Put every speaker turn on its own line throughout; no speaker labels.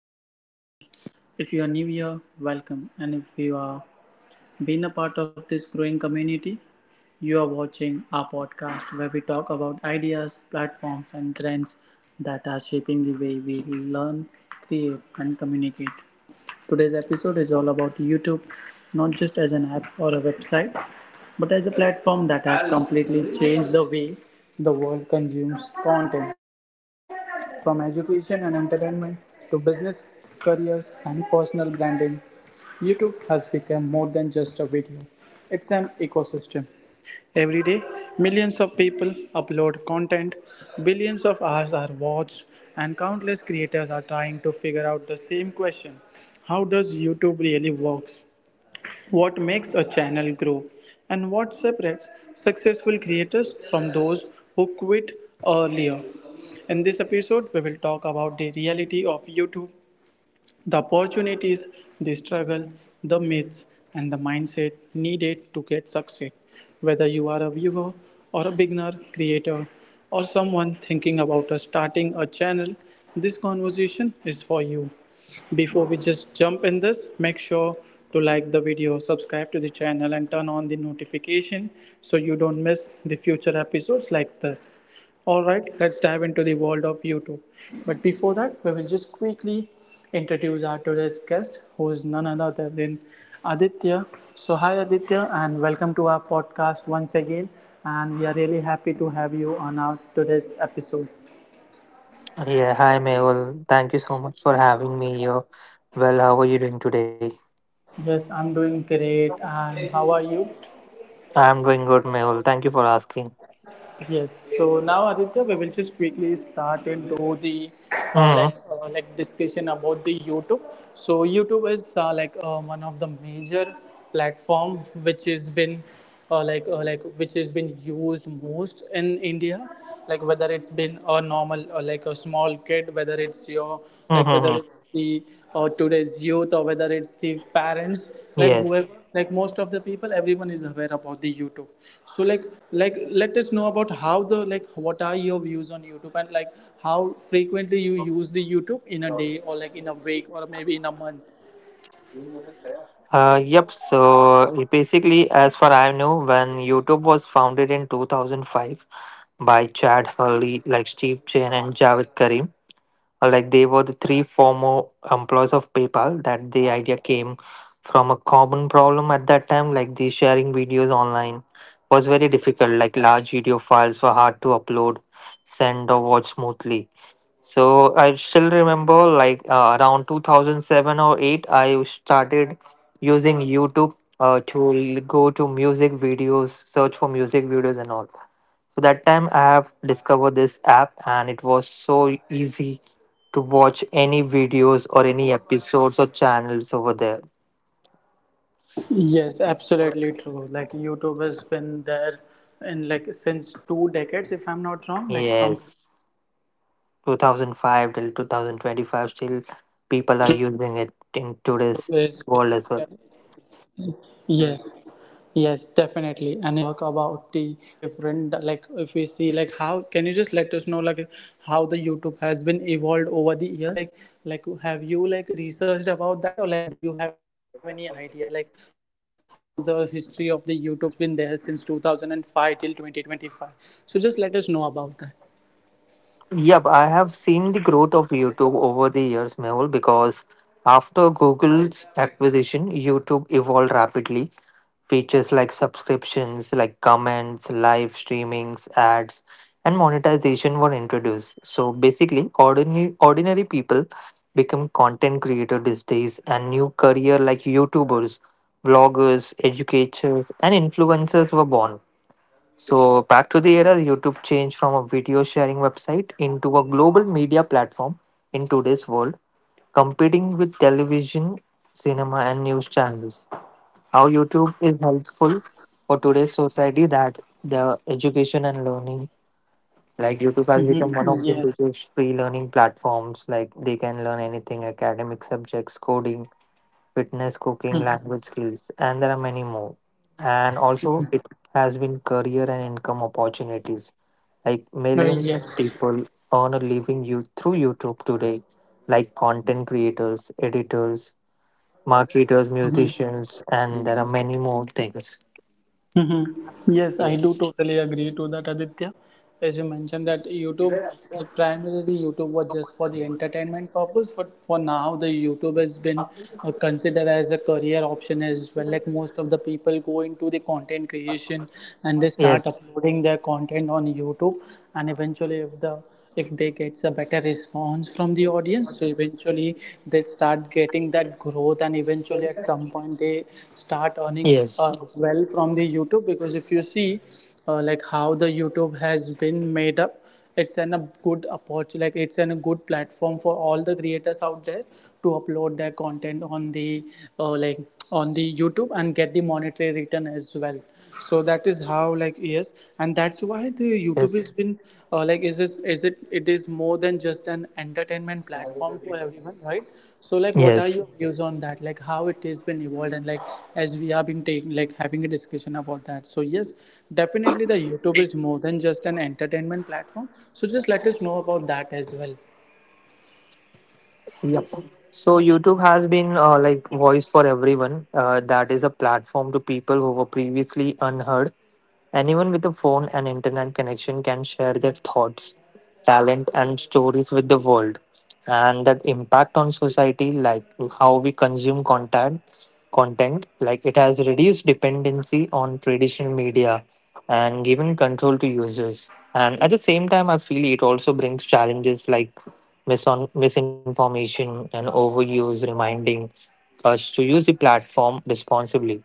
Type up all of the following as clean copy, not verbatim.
back to our channel. If you are new here, welcome, and if you are been a part of this growing community, you are watching our podcast where we talk about ideas, platforms and trends that are shaping the way we learn, create and communicate. Today's episode is all about YouTube, not just as an app or a website, but as a platform that has completely changed the way the world consumes content. From education and entertainment to business careers and personal branding, YouTube has become more than just a video, it's an ecosystem. Every day, millions of people upload content, billions of hours are watched, and countless creators are trying to figure out the same question: how does YouTube really works? What makes a channel grow? And what separates successful creators from those who quit earlier? In this episode, we will talk about the reality of YouTube, the opportunities, the struggle, the myths, and the mindset needed to get success. Whether you are a viewer or a beginner creator or someone thinking about starting a channel, this conversation is for you. Before we just jump in this, make sure to like the video, subscribe to the channel, and turn on the notification so you don't miss the future episodes like this. All right, let's dive into the world of YouTube. But before that, we will just quickly introduce our today's guest, who is none other than Aditya. So, hi Aditya, and welcome to our podcast once again. And we are really happy to have you on our today's episode.
Yeah, hi Mehul. Thank you so much for having me here. Well, how are you doing today?
Yes, I'm doing great. And how are you?
I'm doing good, Mehul. Thank you for asking.
Yes. So now, Aditya, we will just quickly start into the
Mm-hmm.
discussion about the YouTube. So YouTube is one of the major platform which has been which has been used most in India, like whether it's been a normal or like a small kid, whether it's your like, whether
Mm-hmm.
it's the or today's youth, or whether it's the parents, like whoever,
Yes.
like most of the people, everyone is aware about the YouTube. So like let us know about how the, like, what are your views on YouTube, and like how frequently you use the YouTube in a day or like in a week or maybe in a month.
Yep. So basically, as far I know, when YouTube was founded in 2005 by Chad Hurley, like Steve Chen and Javed Karim. Like they were the three former employees of PayPal that the idea came from a common problem at that time, like the sharing videos online was very difficult, like large video files were hard to upload, send or watch smoothly. So I still remember, like around 2007 or 8 I started using YouTube to go to music videos, search for music videos and all. So that time I have discovered this app and it was so easy to watch any videos or any episodes or channels over there.
Yes, absolutely true. Like YouTube has been there in like since two decades, if I'm not wrong, like from
Yes, 2005 till 2025, still people are
So
using it
it's
in
basically,
today's world as well.
yes, yes, definitely. And if we talk about the different, like if we see, like how can you just let us know like how the YouTube has been evolved over the years? Like have you like researched about that, or like do you have any idea like how the history of the YouTube has been there since 2005 till 2025? So just let us know about that.
Yep, I have seen the growth of YouTube over the years, Mehul, because after Google's acquisition, YouTube evolved rapidly. Features like subscriptions, like comments, live streamings, ads, and monetization were introduced. So basically, ordinary people become content creators these days and new career like YouTubers, vloggers, educators, and influencers were born. So back to the era, YouTube changed from a video sharing website into a global media platform in today's world, competing with television, cinema, and news channels. How YouTube is helpful for today's society, that the education and learning, like
Hmm.
YouTube has become
Yes.
one of the biggest free learning platforms, like they can learn anything: academic subjects, coding, fitness, cooking, language skills, and there are many more. And also it has been career and income opportunities, like
Uh,
millions of
yes.
people earn a living you through YouTube today, like content creators, editors, marketers,
Mm-hmm.
musicians, and there are many more things.
Mm-hmm. Yes, I do
Yes.
totally agree to that, Aditya. As you mentioned that YouTube, the primarily YouTube was just for the entertainment purpose, but for now the YouTube has been considered as a career option as well. Like most of the people go into the content creation and they
Yes.
start uploading their content on YouTube, and eventually if they get a better response from the audience, so eventually they start getting that growth, and eventually at some point they start earning
Yes.
well from the YouTube. Because if you see, like how the YouTube has been made up, it's an a good opportunity, like it's an a good platform for all the creators out there to upload their content on the like on the YouTube and get the monetary return as well. So that is how, like, yes, and that's why the
Yes.
YouTube has been, like is this is it it is more than just an entertainment platform for everyone, right? So like what are
Yes.
your views on that, like how it has been evolved? And like as we have been taking like having a discussion about that, so yes, definitely the YouTube is more than just an entertainment platform. So just let us know about that as well.
Yep. So YouTube has been like voice for everyone. That is a platform to people who were previously unheard. Anyone with a phone and internet connection can share their thoughts, talent, and stories with the world. And that impact on society, like how we consume content, like it has reduced dependency on traditional media and given control to users. And at the same time, I feel it also brings challenges like misinformation and overuse, reminding us to use the platform responsibly.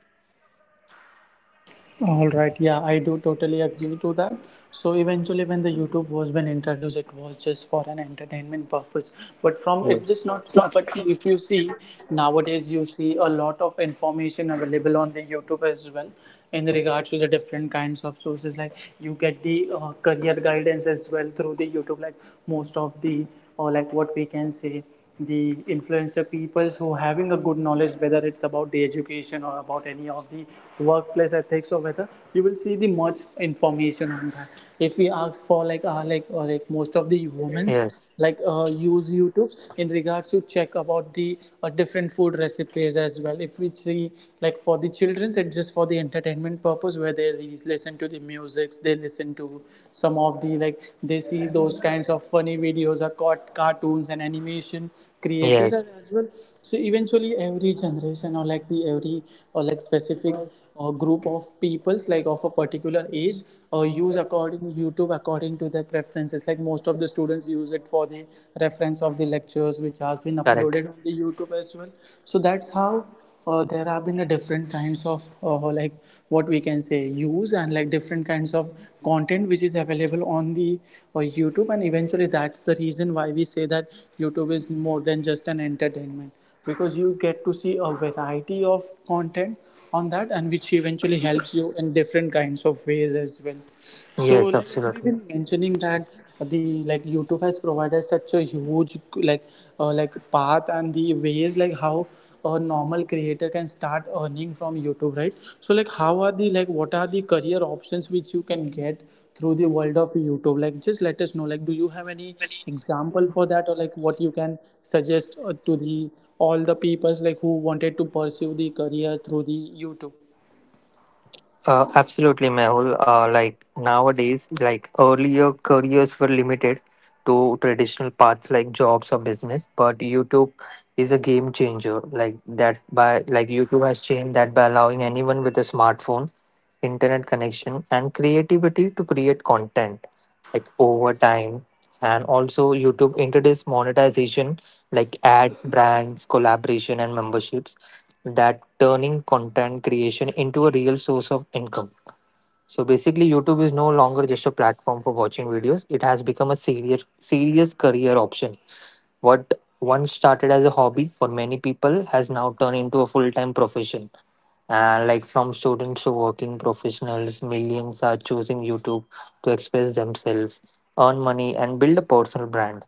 All right, yeah, I do totally agree to that. So eventually, when the YouTube was been introduced, it was just for an entertainment purpose. But from it
Yes.
just not. But if you see nowadays, you see a lot of information available on the YouTube as well in regards to the different kinds of sources. Like you get the career guidance as well through the YouTube. Like most of the, or like what we can say, the influencer peoples who having a good knowledge, whether it's about the education or about any of the workplace ethics, or whether you will see the much information on that. If we ask for, like, like, or like most of the women's,
Yes.
like, use YouTube in regards to check about the different food recipes as well. If we see, like for the children's, it's just for the entertainment purpose, where they listen to the music, they listen to some of the, like, they see those kinds of funny videos or cartoons and animation creators
Yes.
as well. So eventually every generation, or like the every, or like specific, or group of peoples like of a particular age, or use according YouTube according to their preferences. Like most of the students use it for the reference of the lectures which has been
Correct.
uploaded on the YouTube as well. So that's how, there have been a different kinds of like, what we can say, use, and like different kinds of content which is available on the YouTube. And eventually, that's the reason why we say that YouTube is more than just an entertainment, because you get to see a variety of content on that, and which eventually helps you in different kinds of ways as well. So,
Yes,
like as we've
absolutely.
been mentioning that the, like, YouTube has provided such a huge, like, like, path and the ways like how a normal creator can start earning from YouTube, right? So, like how are the, like what are the career options which you can get through the world of YouTube? Like, just let us know. Like, do you have any example for that, or like what you can suggest to the all the people like who wanted to pursue the career through the YouTube?
Absolutely, Mehul. Like nowadays, like earlier careers were limited to traditional paths like jobs or business, but YouTube is a game changer. Like YouTube has changed that by allowing anyone with a smartphone, internet connection, and creativity to create content like over time. And also, YouTube introduced monetization like ad brands, collaboration, and memberships, that turning content creation into a real source of income. So basically, YouTube is no longer just a platform for watching videos. It has become a serious career option. What once started as a hobby for many people has now turned into a full-time profession. Like from students to working professionals, millions are choosing YouTube to express themselves, earn money, and build a personal brand.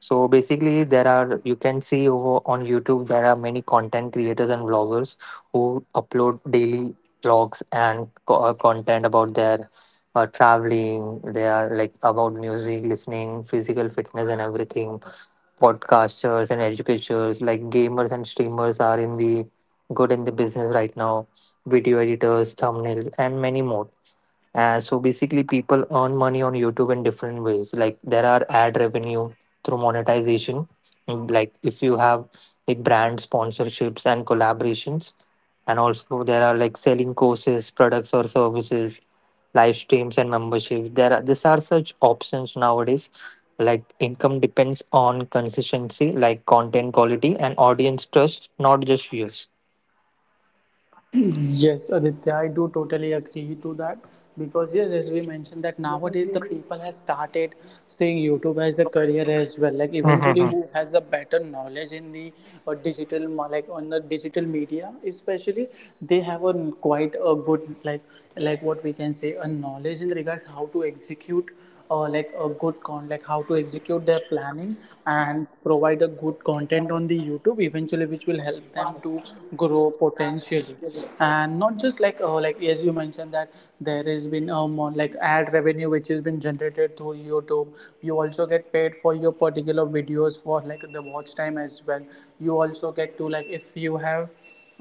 So basically, there are, you can see over on YouTube there are many content creators and vloggers who upload daily vlogs and content about their traveling. They are like about music, listening, physical fitness, and everything, podcasters and educators like gamers and streamers are in the good in the business right now, video editors, thumbnails, and many more. So basically, people earn money on YouTube in different ways. Like there are ad revenue through monetization. Like if you have the brand sponsorships and collaborations, and also there are like selling courses, products or services, live streams and memberships. There are, these are such options nowadays. Like income depends on consistency, like content quality and audience trust, not just views.
Yes, Aditya, I do totally agree to that, because yes, as we mentioned that nowadays the people has started seeing YouTube as a career as well. Like
Mm-hmm.
eventually, who has a better knowledge in the like on the digital media, especially, they have a quite a good, like what we can say, a knowledge in regards how to execute like a good con like how to execute their planning and provide a good content on the YouTube, eventually which will help them to grow potentially. And not just like, like as you mentioned, that there has been like ad revenue which has been generated through YouTube. You also get paid for your particular videos for like the watch time as well. You also get to, like if you have,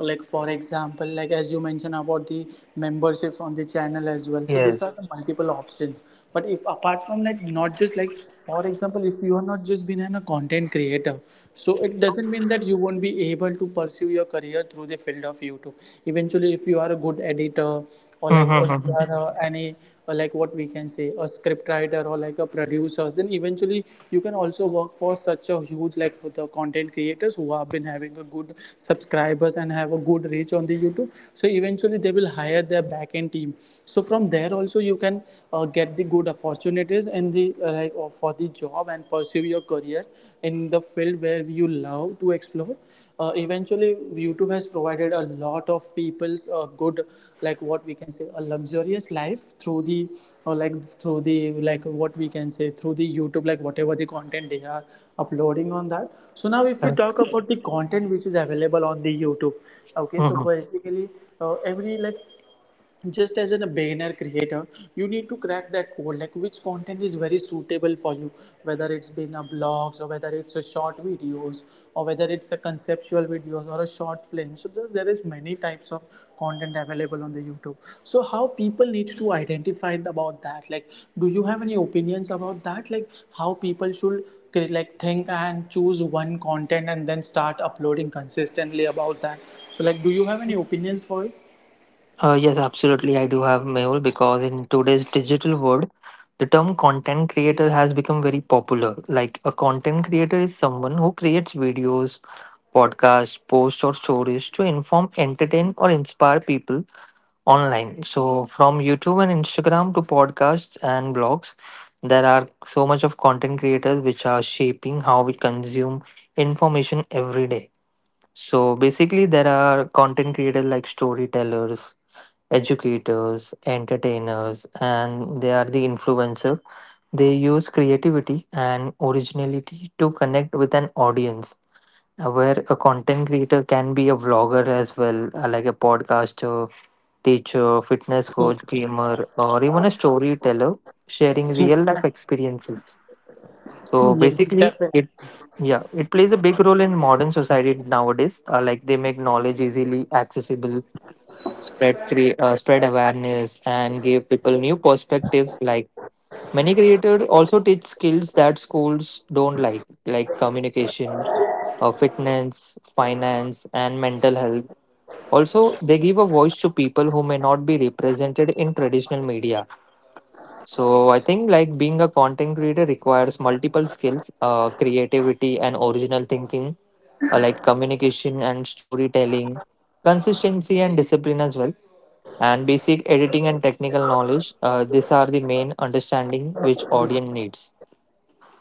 like for example, like as you mentioned about the memberships on the channel as well, so these are
Yes.
the multiple options. But if apart from like, not just like, for example, if you are not just been an, a content creator, so it doesn't mean that you won't be able to pursue your career through the field of YouTube. Eventually, if you are a good editor, or like if
Mm-hmm.
you are any, or like what we can say, a script writer or like a producer, then eventually you can also work for such a huge like the content creators who have been having a good subscribers and have a good reach on the YouTube. So eventually they will hire their back end team, so from there also you can get the good opportunities in the like, or for the job, and pursue your career in the field where you love to explore. Eventually, actually, YouTube has provided a lot of people's good, like what we can say, a luxurious life through the, or like through the, like what we can say, through the YouTube, like whatever the content they are uploading on that. So now if we talk about the content which is available on the YouTube, okay, so basically, every like, just as an, a beginner creator, you need to crack that code, like which content is very suitable for you, whether it's been a blogs, or whether it's a short videos, or whether it's a conceptual videos, or a short film. So there is many types of content available on the YouTube. So how people need to identify about that, like, do you have any opinions about that? Like how people should like think and choose one content and then start uploading consistently about that? So like, do you have any opinions for it?
Yes, absolutely. I do have, Mehul, because in today's digital world, the term content creator has become very popular. Like a content creator is someone who creates videos, podcasts, posts, or stories to inform, entertain, or inspire people online. So, from YouTube and Instagram to podcasts and blogs, there are so much of content creators which are shaping how we consume information every day. So, basically, there are content creators like storytellers, educators, entertainers, and they are the influencer. They use creativity and originality to connect with an audience. Where a content creator can be a vlogger as well, like a podcaster, teacher, fitness coach, gamer, or even a storyteller sharing real life experiences. So
Yes,
basically,
definitely.
it, yeah, it plays a big role in modern society nowadays. Like they make knowledge easily accessible, spread spread awareness and give people new perspectives, like many creators also teach skills that schools don't, like communication, fitness, finance and mental health. Also they give a voice to people who may not be represented in traditional media. So I think like being a content creator requires multiple skills: creativity and original thinking, like communication and storytelling, consistency and discipline as well, and basic editing and technical knowledge. These are the main understanding which audience needs.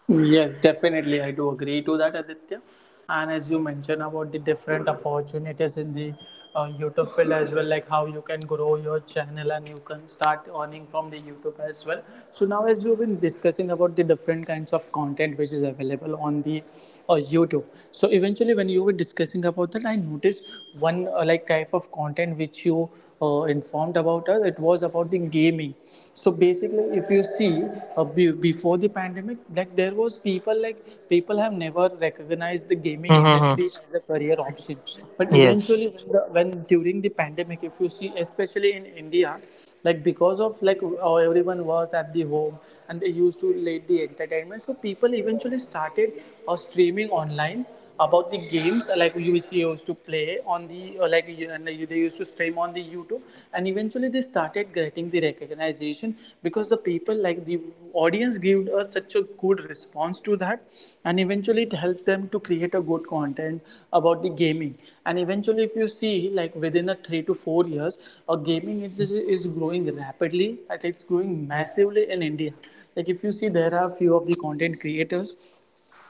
Yes, definitely. I do agree to that, Aditya. And as you mentioned about the different opportunities in the YouTube field as well, like how you can grow your channel and you can start earning from the YouTube as well. So now, as you've been discussing about the different kinds of content which is available on the YouTube, so eventually when you were discussing about that, I noticed one like type of content which you informed about us, it was about the gaming. So basically if you see, before the pandemic, like there was people have never recognized the gaming
Mm-hmm.
industry as a career option. But
Yes,
eventually when the, when during the pandemic, if you see, especially in India, like because of like, everyone was at the home and they used to late the entertainment. So people eventually started streaming online about the games, like we used to play on the, and they used to stream on the YouTube. And eventually they started getting the recognition, because the people, like the audience, gave us such a good response to that. And eventually it helps them to create a good content about the gaming. And eventually if you see, like within a 3 to 4 years, a gaming is growing rapidly, and it's growing massively in India. Like if you see, there are few of the content creators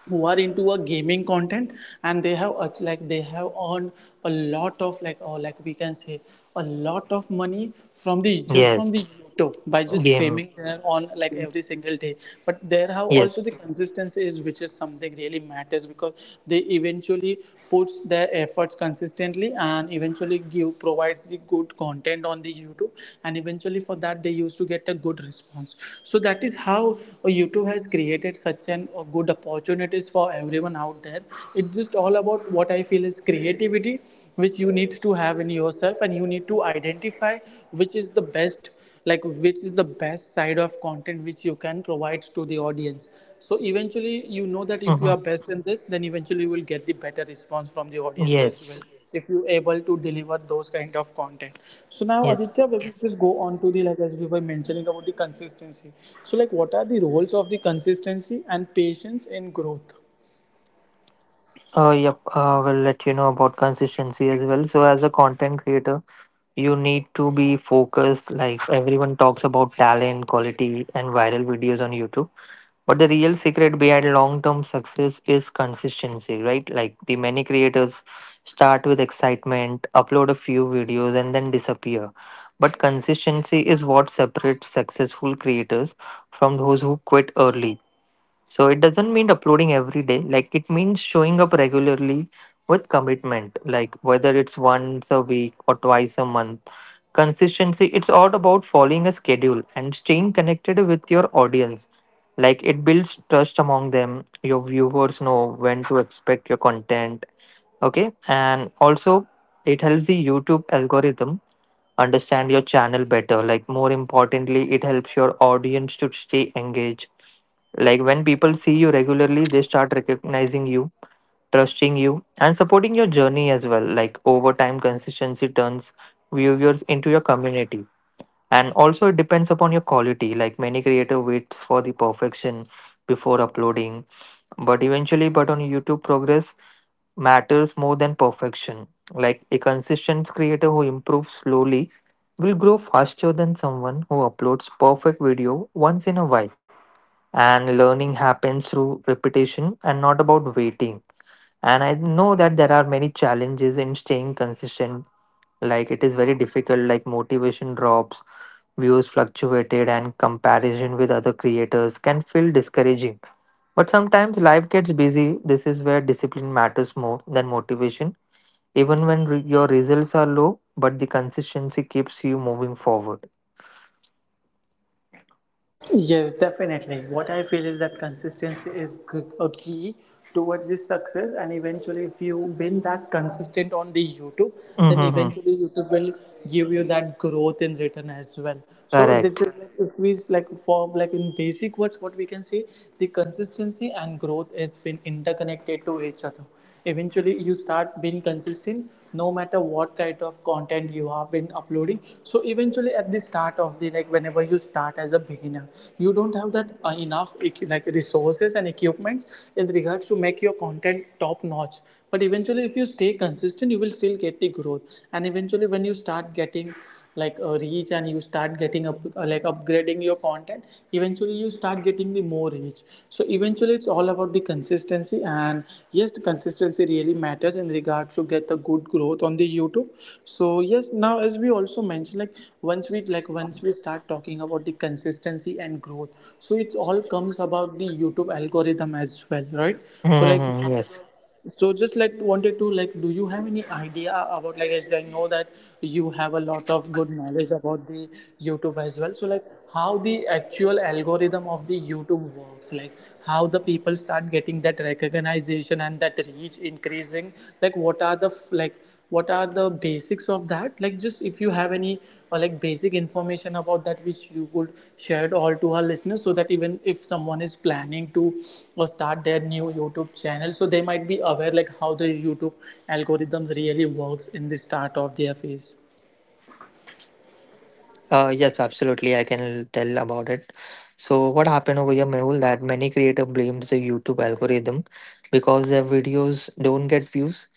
who are into a gaming content, and they have like they have earned a lot of, like, or like we can say, a lot of money, from the
yes,
just from the YouTube, by just
game,
streaming there on like every single day. But there have
yes,
also the consistency is which is something really matters because they eventually puts their efforts consistently and eventually give provides the good content on the YouTube, and eventually for that they used to get a good response. So that is how YouTube has created such an good opportunities for everyone out there. It's just all about what I feel is creativity, which you need to have in yourself, and you need to identify which is the best, like, which is the best side of content which you can provide to the audience. So eventually you know that if you are
mm-hmm.
best in this, then eventually you will get the better response from the audience as
Yes,
well, if you able to deliver those kind of content. So now,
yes.
Aditya, we will just go on to the, like, as we were mentioning about the consistency, so like what are the roles of the consistency and patience in growth?
Yep, we'll let you know about consistency as well. So, as a content creator, you need to be focused. Like everyone talks about talent, quality, and viral videos on YouTube, but the real secret behind long term success is consistency, right? Like the many creators start with excitement, upload a few videos, and then disappear. But consistency is what separates successful creators from those who quit early. So it doesn't mean uploading every day. Like it means showing up regularly with commitment. Like whether it's once a week or twice a month. Consistency, it's all about following a schedule and staying connected with your audience. Like it builds trust among them. Your viewers know when to expect your content. Okay. And also it helps the YouTube algorithm understand your channel better. Like, more importantly, it helps your audience to stay engaged. Like, when people see you regularly, they start recognizing you, trusting you, and supporting your journey as well. Like, over time, consistency turns viewers into your community. And also, it depends upon your quality. Like, many creator waits for the perfection before uploading, but eventually, but on YouTube, progress matters more than perfection. Like a consistent creator who improves slowly will grow faster than someone who uploads perfect video once in a while. And learning happens through repetition and not about waiting. And I know that there are many challenges in staying consistent, like it is very difficult, like motivation drops, views fluctuated and comparison with other creators can feel discouraging, but sometimes life gets busy. This is where discipline matters more than motivation. Even when your results are low, but the consistency keeps you moving forward.
Yes, definitely. What I feel is that consistency is a key towards this success, and eventually, if you've been that consistent on the YouTube, then
Mm-hmm.
eventually YouTube will give you that growth in return as well. So this is
Correct.
like, if we like, for like, in basic words, what we can say, the consistency and growth has been interconnected to each other. Eventually you start being consistent no matter what kind of content you have been uploading, so eventually at the start of the, like, whenever you start as a beginner, you don't have that enough like resources and equipments in regards to make your content top notch. But eventually if you stay consistent, you will still get the growth, and eventually when you start getting like a reach, and you start getting up like upgrading your content, eventually you start getting the more reach. So eventually it's all about the consistency, and yes, the consistency really matters in regards to get the good growth on the YouTube. So yes, now as we also mentioned, like, once we like, once we start talking about the consistency and growth, so it's all comes about the YouTube algorithm as well, right? So like, how
Mm-hmm.
the,
Yes.
so just like wanted to, like, do you have any idea about, like, as I know that you have a lot of good knowledge about the YouTube as well, so like, how the actual algorithm of the YouTube works, like how the people start getting that recognition and that reach increasing, like what are the like what are the basics of that, like just if you have any like basic information about that, which you could share it all to our listeners, so that even if someone is planning to start their new YouTube channel, so they might be aware like how the YouTube algorithms really works in the start of their phase.
Yes, absolutely. I can tell about it. So, what happened over here, Mehul, that many creator blames the YouTube algorithm because their videos don't get views.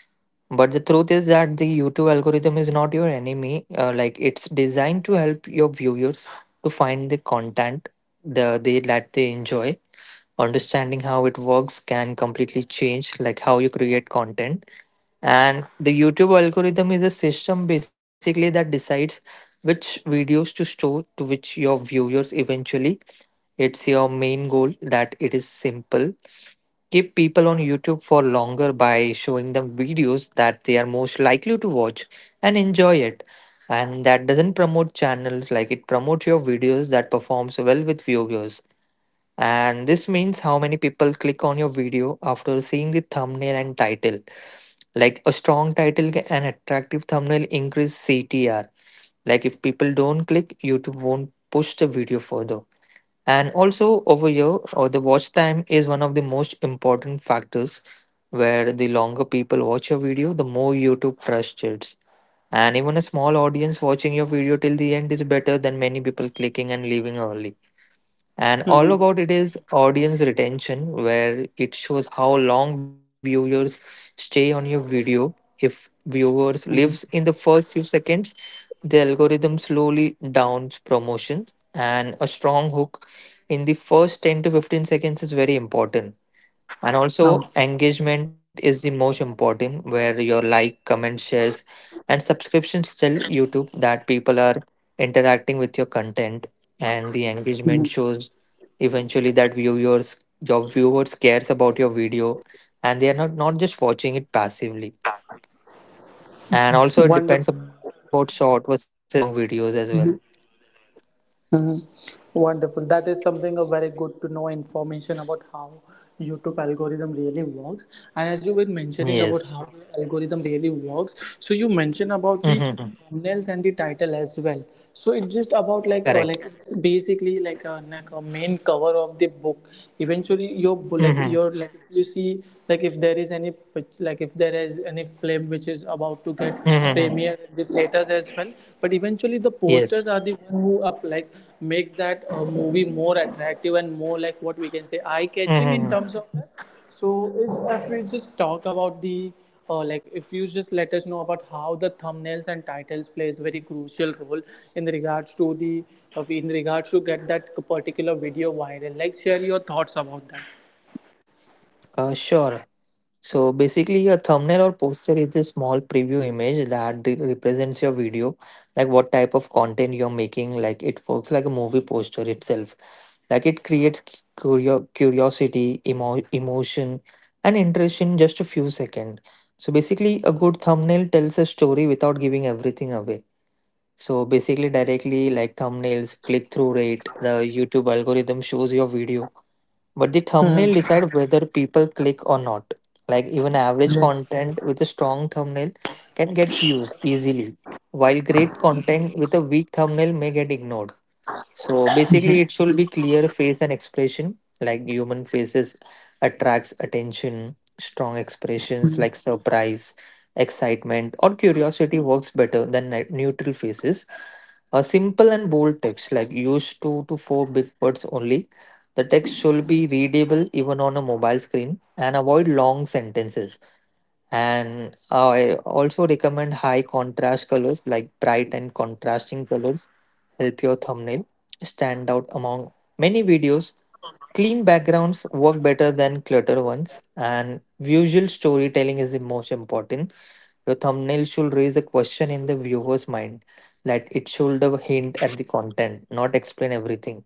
But the truth is that the YouTube algorithm is not your enemy. Like it's designed to help your viewers to find the content the they that they enjoy. Understanding how it works can completely change like how you create content. And the YouTube algorithm is a system basically that decides which videos to store to which your viewers eventually. It's your main goal that it is simple. Keep people on YouTube for longer by showing them videos that they are most likely to watch and enjoy it. And that doesn't promote channels, like it promotes your videos that performs well with viewers. And this means how many people click on your video after seeing the thumbnail and title, like a strong title and attractive thumbnail increase CTR. Like if people don't click, YouTube won't push the video further. And also over here, or the watch time is one of the most important factors, where the longer people watch your video, the more YouTube trusts it. And even a small audience watching your video till the end is better than many people clicking and leaving early. And all
Mm-hmm.
about it is audience retention, where it shows how long viewers stay on your video. If viewers lives
Mm-hmm.
in the first few seconds, the algorithm slowly downs promotions, and a strong hook in the first 10 to 15 seconds is very important. And also,
Okay.
engagement is the most important, where your like, comment, shares, and subscriptions tell YouTube that people are interacting with your content, and the engagement shows eventually that viewers, your viewers cares about your video, and they are not just watching it passively. And also,
Yes,
it depends
wonderful.
about short versus long videos as well.
Mhm. Wonderful. That is something a very good to know information about how YouTube algorithm really works. And as you were mentioning
Yes.
about how the algorithm really works, so you mentioned about the
Hmm.
thumbnails and the title as well. So it's just about like,
Correct.
like, it's basically like a, like a main cover of the book. Eventually, your
Hmm.
like your, like, if you see, like if there is any like if there is any flip which is a about to get
Hmm.
premiere at the theaters as well. But eventually, the
Yes.
posters are the one who up, like, makes that movie more attractive and more, like, what we can say, eye catching in
Mm-hmm.
terms of that. So, is if we just talk about the like, if you just let us know about how the thumbnails and titles plays very crucial role in regards to the of in regards to get that particular video viral. Like, share your thoughts about that.
Sure. So basically, a thumbnail or poster is a small preview image that represents your video, like what type of content you're making. Like it works like a movie poster itself. Like it creates curiosity, emotion, and interest in just a few seconds. So basically, a good thumbnail tells a story without giving everything away. So basically, directly like thumbnails, click through rate, the YouTube algorithm shows your video, but the thumbnail decide whether people click or not. Like even average
Yes.
content with a strong thumbnail can get views easily, while great content with a weak thumbnail may get ignored. So basically, it should be clear face and expression. Like human faces attracts attention. Strong expressions like surprise, excitement, or curiosity works better than neutral faces. A simple and bold text like use two to four big words only. The text should be readable even on a mobile screen and avoid long sentences. And I also recommend high contrast colors, like bright and contrasting colors help your thumbnail stand out among many videos. Clean backgrounds work better than clutter ones, and visual storytelling is the most important. Your thumbnail should raise a question in the viewer's mind, like it should have hint at the content, not explain everything.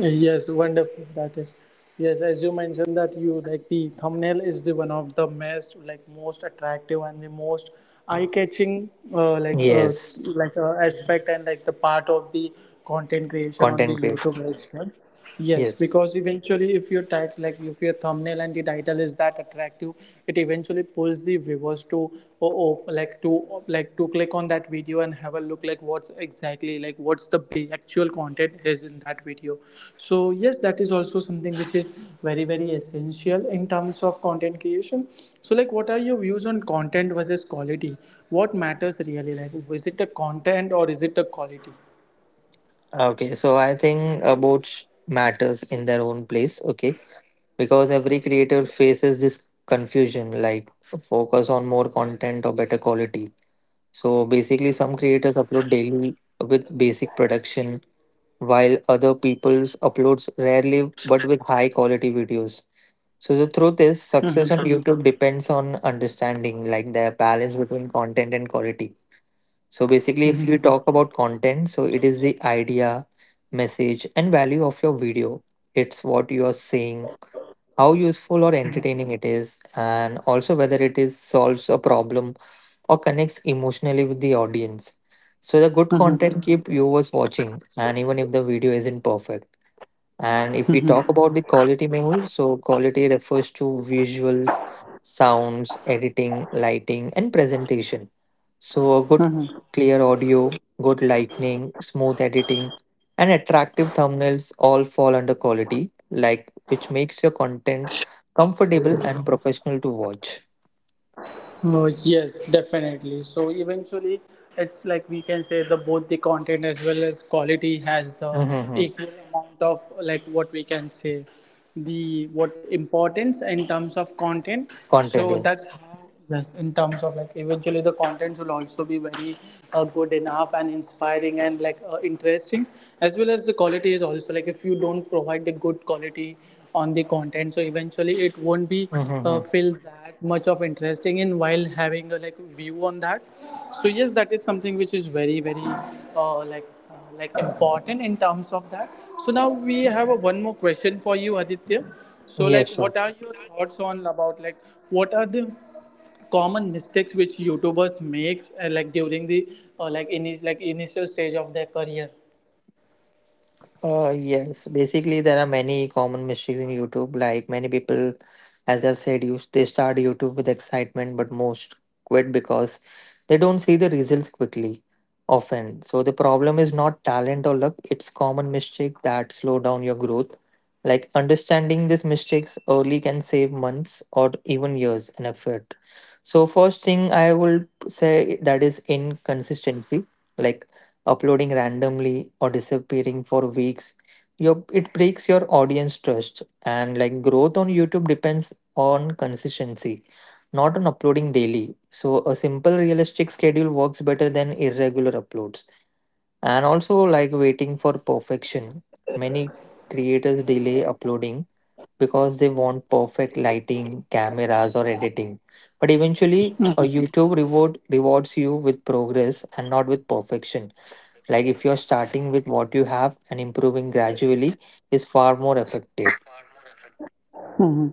Yes, wonderful. That is, yes, as you mentioned that you like the thumbnail is the one of the most, like, most attractive and the most eye-catching
Yes,
like aspect and like the part of the content creation on the
content creation.
YouTube as well. Yes,
Yes.
because eventually, if your tag, like if your thumbnail and the title is that attractive, it eventually pulls the viewers to oh, like to, like to click on that video and have a look like what's exactly, like what's the actual content is in that video. So yes, that is also something which is very very essential in terms of content creation. So like, what are your views on content versus quality? What matters really? Like, is it the content or is it the quality?
Okay, so I think about matters in their own place. Okay, because every creator faces this confusion like focus on more content or better quality. So basically, some creators upload daily with basic production, while other people's uploads rarely but with high quality videos. So the truth is success on YouTube depends on understanding like the balance between content and quality. So basically,
Mm-hmm.
if you talk about content, so it is the idea, message, and value of your video. It's what you are saying, how useful or entertaining it is, and also whether it is solves a problem or connects emotionally with the audience. So the good
Mm-hmm.
content keep viewers watching, and even if the video isn't perfect. And if we
Mm-hmm.
talk about the quality, Mehul, so quality refers to visuals, sounds, editing, lighting, and presentation. So a good clear audio, good lighting, smooth editing, and attractive thumbnails all fall under quality, like which makes your content comfortable and professional to watch.
Yes, definitely. So eventually, it's like, we can say the both the content as well as quality has the
Mm-hmm.
equal amount of like, what we can say, the what importance in terms of content.
Content,
So
yes.
that's how, yes, in terms of like, eventually the contents will also be very good enough and inspiring and like interesting, as well as the quality is also, like if you don't provide the good quality on the content, so eventually it won't be
Mm-hmm.
feel that much of interesting in while having a like view on that. So yes, that is something which is very very uh, like like important in terms of that. So now we have a one more question for you, Aditya. So
Yes,
like,
sure.
what are your thoughts on about like, what are the common mistakes which YouTubers makes like during the like, in, like, initial stage of their career?
Yes, basically there are many common mistakes in YouTube. Like many people, as I've said, you they start YouTube with excitement, but most quit because they don't see the results quickly, often. So the problem is not talent or luck; it's common mistake that slow down your growth. Like understanding these mistakes early can save months or even years in effort. So first thing I would say that is inconsistency, like uploading randomly or disappearing for weeks. Your it breaks your audience trust, and like growth on YouTube depends on consistency, not on uploading daily. So a simple realistic schedule works better than irregular uploads. And also like waiting for perfection. Many creators delay uploading because they want perfect lighting, cameras, or editing. But eventually, a YouTube rewards you with progress and not with perfection. Like if you're starting with what you have and improving gradually, is far more effective.
Mhm.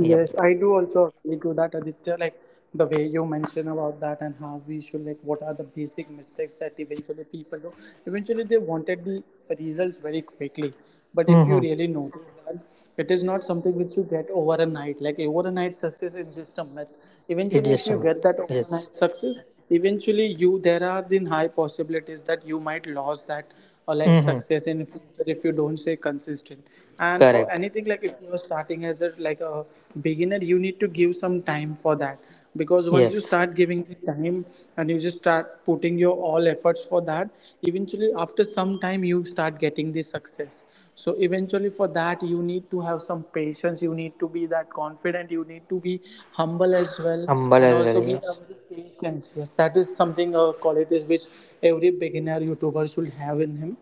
Yep.
I do also agree to that, Aditya. Like the way you mention about that and how we should, like, what are the basic mistakes that eventually people do. Eventually, they wanted the results very quickly. But if you
Mm-hmm.
really notice that, it is not something which you get over a night. Like overnight success is just a myth. Eventually, if you
Adjustment.
get that
Yes.
overnight success, eventually you there are then high possibilities that you might lose that or like
Mm-hmm.
success in future if you don't stay consistent. And for
Correct.
anything, like if you're starting as a, like a beginner, you need to give some time for that, because once you
Yes.
start giving the time and you just start putting your all efforts for that, eventually after some time you start getting the success. So eventually for that you need to have some patience, you need to be that confident, you need to be humble as well,
Humble
and
as well.
also be a
Yes.
very patient. Yes, that is something a quality is which every beginner YouTuber should have in him.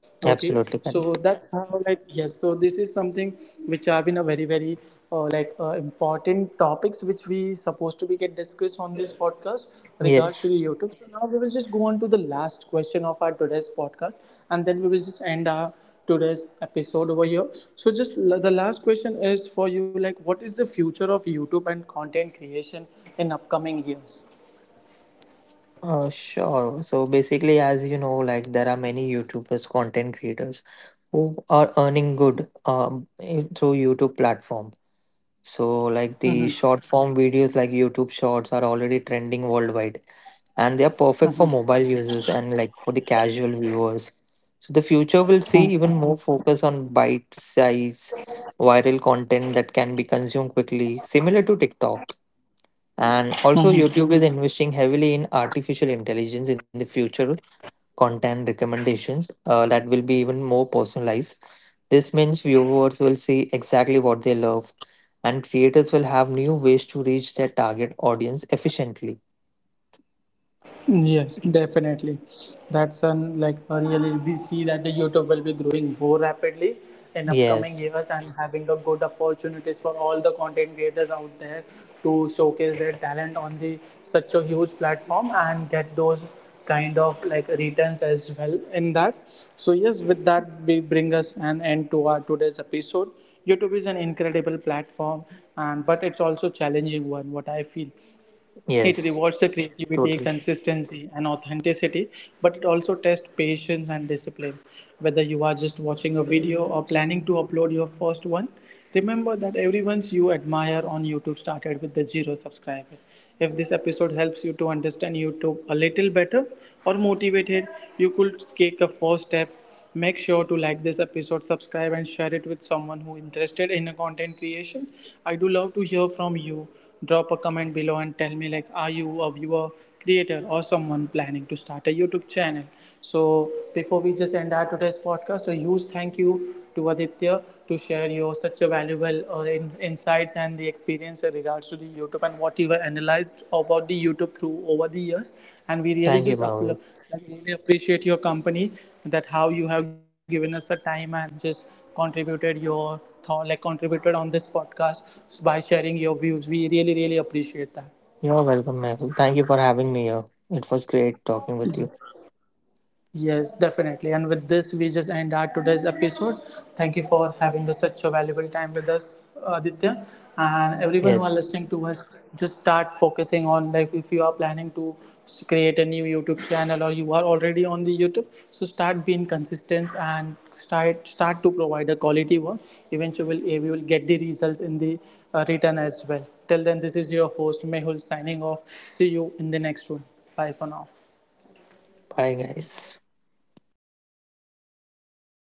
Okay,
Absolutely
so
correct.
that's how, like, yes. So this is something which have been a very very like important topics which we supposed to be get discussed on this podcast regards to
Yes.
the YouTube. So now we will just go on to the last question of our today's podcast, and then we will just end our today's episode over here. So just the last question is for you, like, what is the future of YouTube and content creation in upcoming years?
Sure. So basically, as you know, like there are many YouTubers, content creators who are earning good through YouTube platform. So like the short form videos like YouTube Shorts are already trending worldwide, and they are perfect for mobile users and like for the casual viewers. So the future will see even more focus on bite size viral content that can be consumed quickly, similar to TikTok. And also, YouTube is investing heavily in artificial intelligence in the future content recommendations that will be even more personalized. This means viewers will see exactly what they love, and creators will have new ways to reach their target audience efficiently.
Yes, definitely. That's an like a really, we see that the YouTube will be growing more rapidly in upcoming
Yes,
years and having a good opportunities for all the content creators out there to showcase their talent on the such a huge platform and get those kind of like returns as well in that. So yes, with that we bring us an end to our today's episode. YouTube is an incredible platform and but it's also challenging one, what I feel, it
yes,
rewards the creativity,
totally.
consistency, and authenticity, but it also tests patience and discipline. Whether you are just watching a video or planning to upload your first one, remember that everyone's you admire on YouTube started with the zero subscriber. If this episode helps you to understand YouTube a little better or motivated, you could take a first step. Make sure to like this episode, subscribe, and share it with someone who interested in content creation. I do love to hear from you. Drop a comment below and tell me, like, are you a viewer, creator, or someone planning to start a YouTube channel? So before we just end our today's podcast, a huge thank you to Aditya to share your such a valuable insights and the experience in regards to the YouTube and what you have analyzed about the YouTube through over the years. And we really
Thank you,
just
Mehul.
like, really appreciate your company, that how you have given us a time and just contributed your thought, like contributed on this podcast by sharing your views. We really really appreciate that.
You're welcome, Mehul. Thank you for having me here. It was great talking with you.
Yes, definitely. And with this, we just end our today's episode. Thank you for having us such a valuable time with us, Aditya, and everyone who are
Yes,
listening to us. Just start focusing on like, if you are planning to create a new YouTube channel or you are already on the YouTube, so start being consistent and start to provide a quality work. Eventually, you will get the results in the return as well. Till then, this is your host Mehul signing off. See you in the next one. Bye for now.
bye, guys.